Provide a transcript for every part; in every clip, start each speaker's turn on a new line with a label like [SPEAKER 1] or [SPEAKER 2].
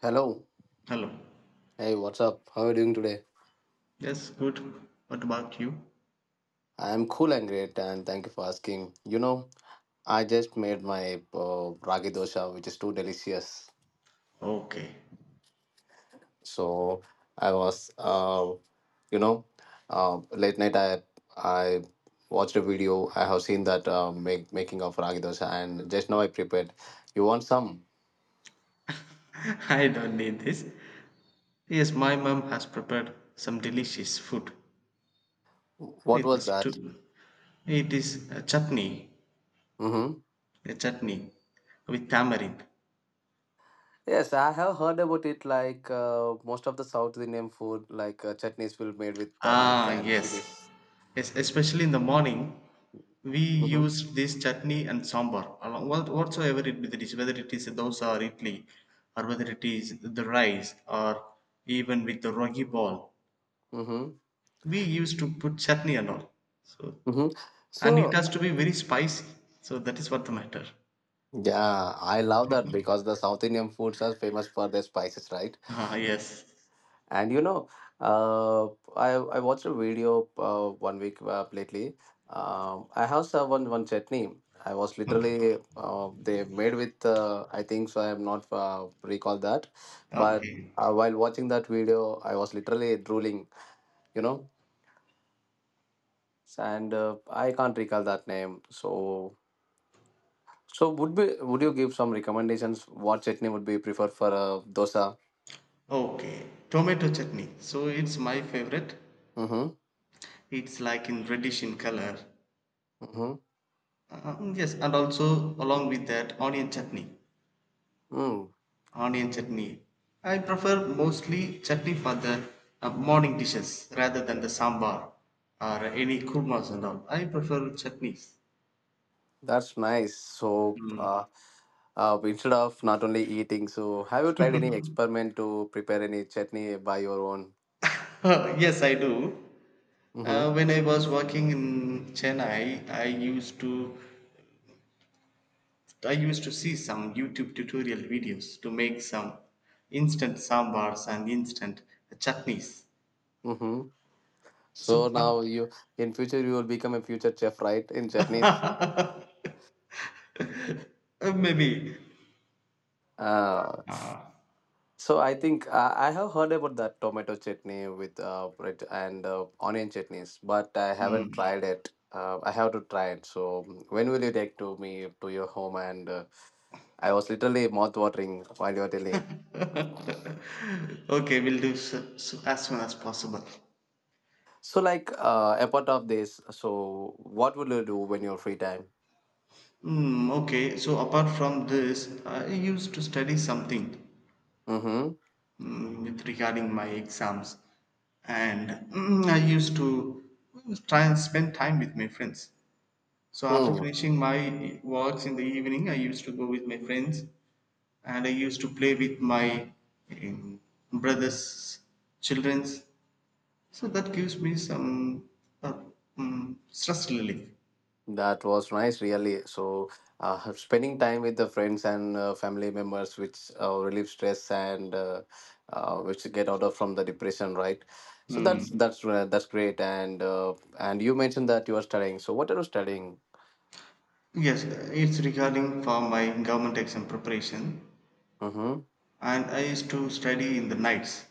[SPEAKER 1] Hello.
[SPEAKER 2] Hello.
[SPEAKER 1] Hey, what's up? How are you doing today?
[SPEAKER 2] Yes, good. What about you?
[SPEAKER 1] I'm cool and great, and thank you for asking. You know, I just made my ragi dosha, which is too delicious.
[SPEAKER 2] Okay.
[SPEAKER 1] So I was, you know, uh, late night. I watched a video. I have seen that make making of ragi dosha, and just now I prepared. You want some?
[SPEAKER 2] I don't need this. Yes, my mom has prepared some delicious food.
[SPEAKER 1] What
[SPEAKER 2] It
[SPEAKER 1] was
[SPEAKER 2] was
[SPEAKER 1] that?
[SPEAKER 2] too. It is
[SPEAKER 1] Mm-hmm.
[SPEAKER 2] a chutney with tamarind.
[SPEAKER 1] Yes, I have heard about it. Like most of the South Indian food, like chutneys will made with turmeric
[SPEAKER 2] Ah,
[SPEAKER 1] and
[SPEAKER 2] yes.
[SPEAKER 1] chilies.
[SPEAKER 2] Yes, especially in the morning, we use this chutney and sambar along what, whatsoever it be the dish, whether it is a dosa or idli, or whether it is the rice, or even with the rogi ball.
[SPEAKER 1] Mm-hmm.
[SPEAKER 2] We used to put chutney and all. So,
[SPEAKER 1] Mm-hmm.
[SPEAKER 2] and
[SPEAKER 1] So,
[SPEAKER 2] it has to be very spicy. So that is what the matter.
[SPEAKER 1] yeah, I love that because the South Indian foods are famous for their spices, right?
[SPEAKER 2] Ah, yes.
[SPEAKER 1] And uh, I watched a video 1 week lately. I have served one chutney. I was
[SPEAKER 2] Okay.
[SPEAKER 1] literally they made with I think so. I am not recall that, but
[SPEAKER 2] Okay.
[SPEAKER 1] while watching that video, I was literally drooling. You know, and I can't recall that name. So would you give some recommendations? What chutney would be preferred for a dosa?
[SPEAKER 2] Okay. Tomato chutney. So it's my favorite.
[SPEAKER 1] Mm-hmm.
[SPEAKER 2] It's like in reddish in color.
[SPEAKER 1] Mm-hmm.
[SPEAKER 2] Yes, and also along with that onion chutney.
[SPEAKER 1] Mm.
[SPEAKER 2] Onion chutney. I prefer mostly chutney for the morning dishes rather than the sambar or any kurmas and all. I prefer chutneys.
[SPEAKER 1] That's nice. So instead of not only eating, so have you tried any experiment to prepare any chutney by your own?
[SPEAKER 2] Yes, I do.
[SPEAKER 1] Mm-hmm.
[SPEAKER 2] When I was working in Chennai, I used to see some YouTube tutorial videos to make some instant sambars and instant chutneys.
[SPEAKER 1] Mm-hmm. So
[SPEAKER 2] So
[SPEAKER 1] now you in future you will become a future chef, right? In chutneys.
[SPEAKER 2] maybe
[SPEAKER 1] Ah.
[SPEAKER 2] uh,
[SPEAKER 1] So I think I have heard about that tomato chutney with bread and onion chutneys, but I haven't tried it. I have to try it. So when will you take to me to your home? And I was literally mouth watering while you were telling.
[SPEAKER 2] okay, we'll do so, so as soon as possible.
[SPEAKER 1] So like apart of this, so what will you do when you're free time?
[SPEAKER 2] Hmm. Okay, so apart from this, I used to study something
[SPEAKER 1] Mm-hmm.
[SPEAKER 2] with regarding my exams, and I used to try and spend time with my friends. So after
[SPEAKER 1] Hmm.
[SPEAKER 2] finishing my works in the evening, I used to go with my friends and I used to play with my um, brothers, childrens. So that gives me some uh, stress relief.
[SPEAKER 1] That was nice, really. Spending time with the friends and family members, which relieve stress and which get out of from the depression, right? So
[SPEAKER 2] Hmm.
[SPEAKER 1] that's great. And you mentioned that you are studying. So what are you studying?
[SPEAKER 2] Yes, it's regarding for my government exam preparation,
[SPEAKER 1] Mm-hmm.
[SPEAKER 2] and I used to study in the nights,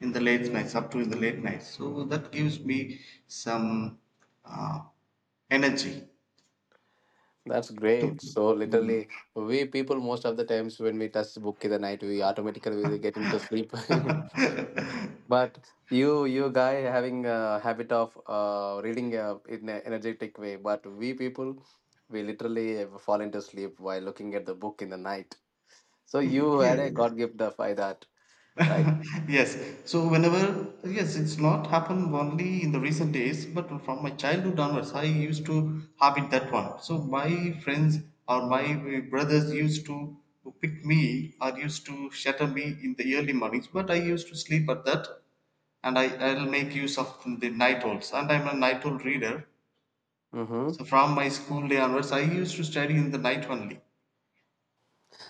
[SPEAKER 2] in the late nights, up to in the late nights. So that gives me some uh, energy
[SPEAKER 1] That's
[SPEAKER 2] to.
[SPEAKER 1] great. So
[SPEAKER 2] Hmm.
[SPEAKER 1] literally, we people most of the times when we touch book in the night, we automatically will get into sleep. But you guy, having a habit of reading in an energetic way. But we people, we literally fall into sleep while looking at the book in the night. So you
[SPEAKER 2] Yes,
[SPEAKER 1] had a God gift of by that, right?
[SPEAKER 2] yes, so whenever, yes, it's not happened only in the recent days, but from my childhood onwards I used to habit that one. So my friends or my brothers used to pick me or used to shatter me in the early mornings, but I used to sleep at that. And I'll make use of the night owls, and I'm a night owl reader.
[SPEAKER 1] Mm-hmm.
[SPEAKER 2] So from my school day onwards, I used to study in the night only.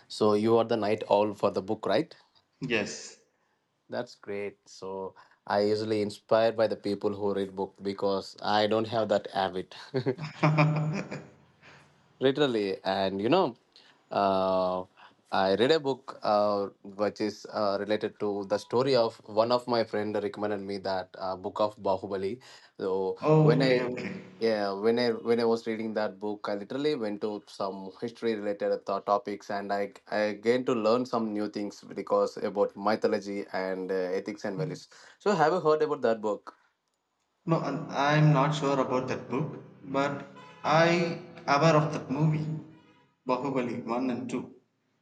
[SPEAKER 1] So you are the night owl for the book, right?
[SPEAKER 2] Yes.
[SPEAKER 1] That's great. So I usually inspired by the people who read book because I don't have that habit. Literally, and you know, uh, I read a book, which is related to the story of one of my friend recommended me that book of Bahubali. So when I
[SPEAKER 2] Okay, okay.
[SPEAKER 1] Yeah, when I was reading that book, I literally went to some history related topics and I gained to learn some new things because about mythology and ethics and values. So have you heard about that book?
[SPEAKER 2] No, and I'm not sure about that book, but I aware of that movie, Bahubali one and two.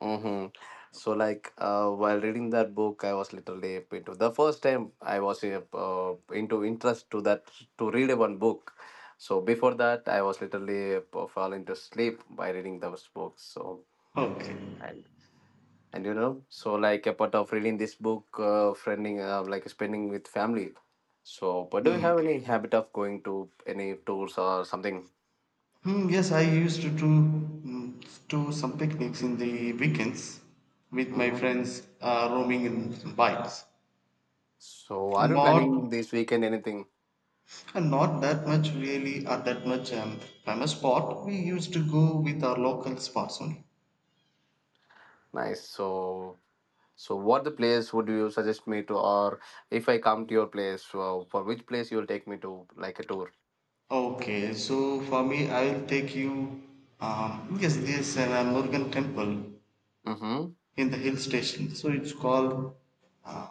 [SPEAKER 1] Mm-hmm. So, like, while reading that book, I was literally into the first time I was into interest to that to read one book. So before that, I was literally falling to sleep by reading those books. So
[SPEAKER 2] Okay.
[SPEAKER 1] and and you know, so like a part of reading this book, friending, like spending with family. So, but do you
[SPEAKER 2] Hmm.
[SPEAKER 1] have any habit of going to any tours or something?
[SPEAKER 2] Hmm, yes, I used to do, hmm, do some picnics in the weekends with my
[SPEAKER 1] Mm-hmm.
[SPEAKER 2] friends, roaming in bikes,
[SPEAKER 1] So, are
[SPEAKER 2] and
[SPEAKER 1] you
[SPEAKER 2] not
[SPEAKER 1] planning this weekend anything?
[SPEAKER 2] and not that much really, or that much, famous spot. We used to go with our local spots only.
[SPEAKER 1] Nice. So, what the place would you suggest me to, or if I come to your place, for which place you will take me to, like a tour?
[SPEAKER 2] Okay, so for me, I'll take you because there's an Murugan temple
[SPEAKER 1] Mm-hmm.
[SPEAKER 2] in the hill station. So it's called uh,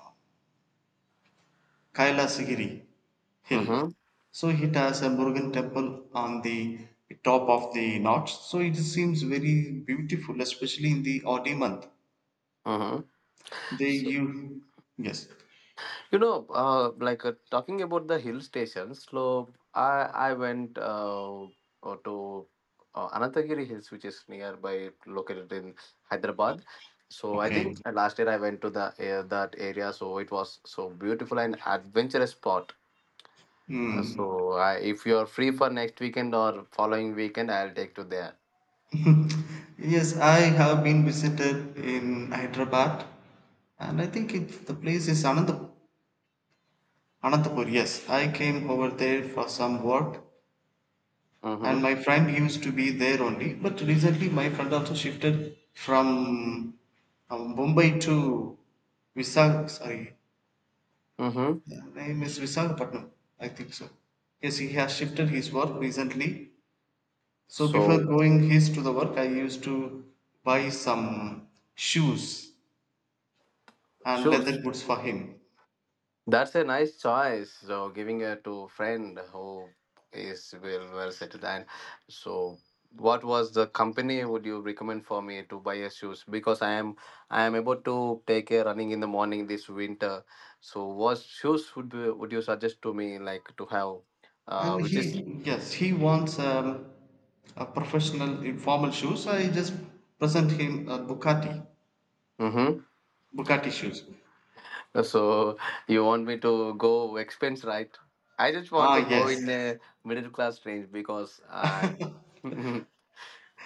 [SPEAKER 2] Kailasagiri Hill.
[SPEAKER 1] Mm-hmm.
[SPEAKER 2] So it has a Murugan temple on the top of the notch. So it seems very beautiful, especially in the Audi month.
[SPEAKER 1] Mm-hmm.
[SPEAKER 2] They
[SPEAKER 1] So,
[SPEAKER 2] you, yes,
[SPEAKER 1] you know, like talking about the hill stations. So, I went to Anantagiri Hills, which is nearby, located in Hyderabad. So, I
[SPEAKER 2] okay.
[SPEAKER 1] think last year I went to the that area. So, it was so beautiful and adventurous spot.
[SPEAKER 2] Hmm.
[SPEAKER 1] If you're free for next weekend or following weekend, I'll take to there.
[SPEAKER 2] Yes, I have been visited in Hyderabad, and I think it, the place is Anandapur. Anantapur, yes. I came over there for some work, and
[SPEAKER 1] Mm-hmm.
[SPEAKER 2] my friend used to be there only. But recently, my friend also shifted from Mumbai to Visag. Sorry,
[SPEAKER 1] Mm-hmm.
[SPEAKER 2] the name is Visakhapatnam, I think so. Yes, he has shifted his work recently. So before
[SPEAKER 1] So,
[SPEAKER 2] going his to the work, I used to buy some shoes and leather
[SPEAKER 1] shoes.
[SPEAKER 2] goods for him.
[SPEAKER 1] That's a nice choice. So, giving it to friend who is well versed. And so, what was the company would you recommend for me to buy a shoes? Because I am about to take a running in the morning this winter. So, what shoes would be, would you suggest to me like to have?
[SPEAKER 2] and
[SPEAKER 1] Which is.
[SPEAKER 2] he yes he wants a professional informal shoes. So I just present him a bugatti,
[SPEAKER 1] Mm-hmm.
[SPEAKER 2] bugatti shoes.
[SPEAKER 1] So you want me to go expense, right? I just want
[SPEAKER 2] Ah,
[SPEAKER 1] to go
[SPEAKER 2] yes.
[SPEAKER 1] in a middle class range because I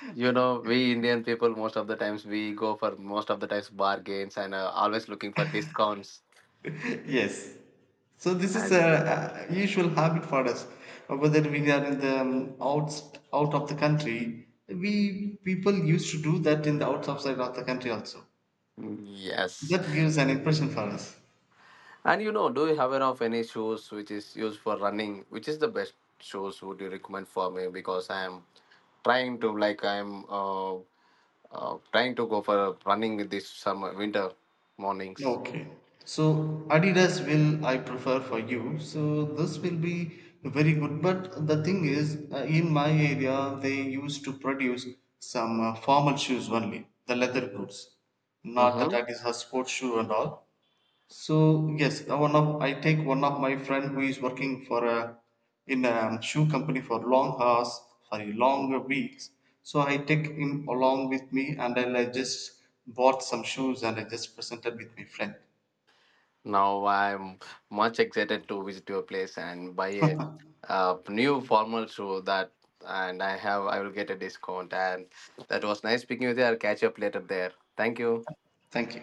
[SPEAKER 1] You know, we Indian people most of the times bargains and always looking for discounts.
[SPEAKER 2] Yes, so this is
[SPEAKER 1] And
[SPEAKER 2] a usual habit for us. Whether we are in the out out of the country, we people used to do that in the outs outside of the country also.
[SPEAKER 1] yes,
[SPEAKER 2] That gives an impression for us.
[SPEAKER 1] and you know, do you have enough any shoes which is used for running? Which is the best shoes would you recommend for me? Because I'm trying to like I'm trying to go for running this summer winter mornings.
[SPEAKER 2] Okay. So Adidas will I prefer for you. So this will be very good. But the thing is, in my area, they used to produce some formal shoes only, the leather goods, not that
[SPEAKER 1] Mm-hmm.
[SPEAKER 2] Adidas has sports shoe and all. So yes, one of I take one of my friend who is working for a in a shoe company for long hours, sorry, long weeks. So I take him along with me, and then I just bought some shoes and I just presented with my friend.
[SPEAKER 1] Now I'm much excited to visit your place and buy a new formal shoe that and I have I will get a discount and that was nice speaking with you. I'll catch up later there. Thank you.
[SPEAKER 2] Thank you.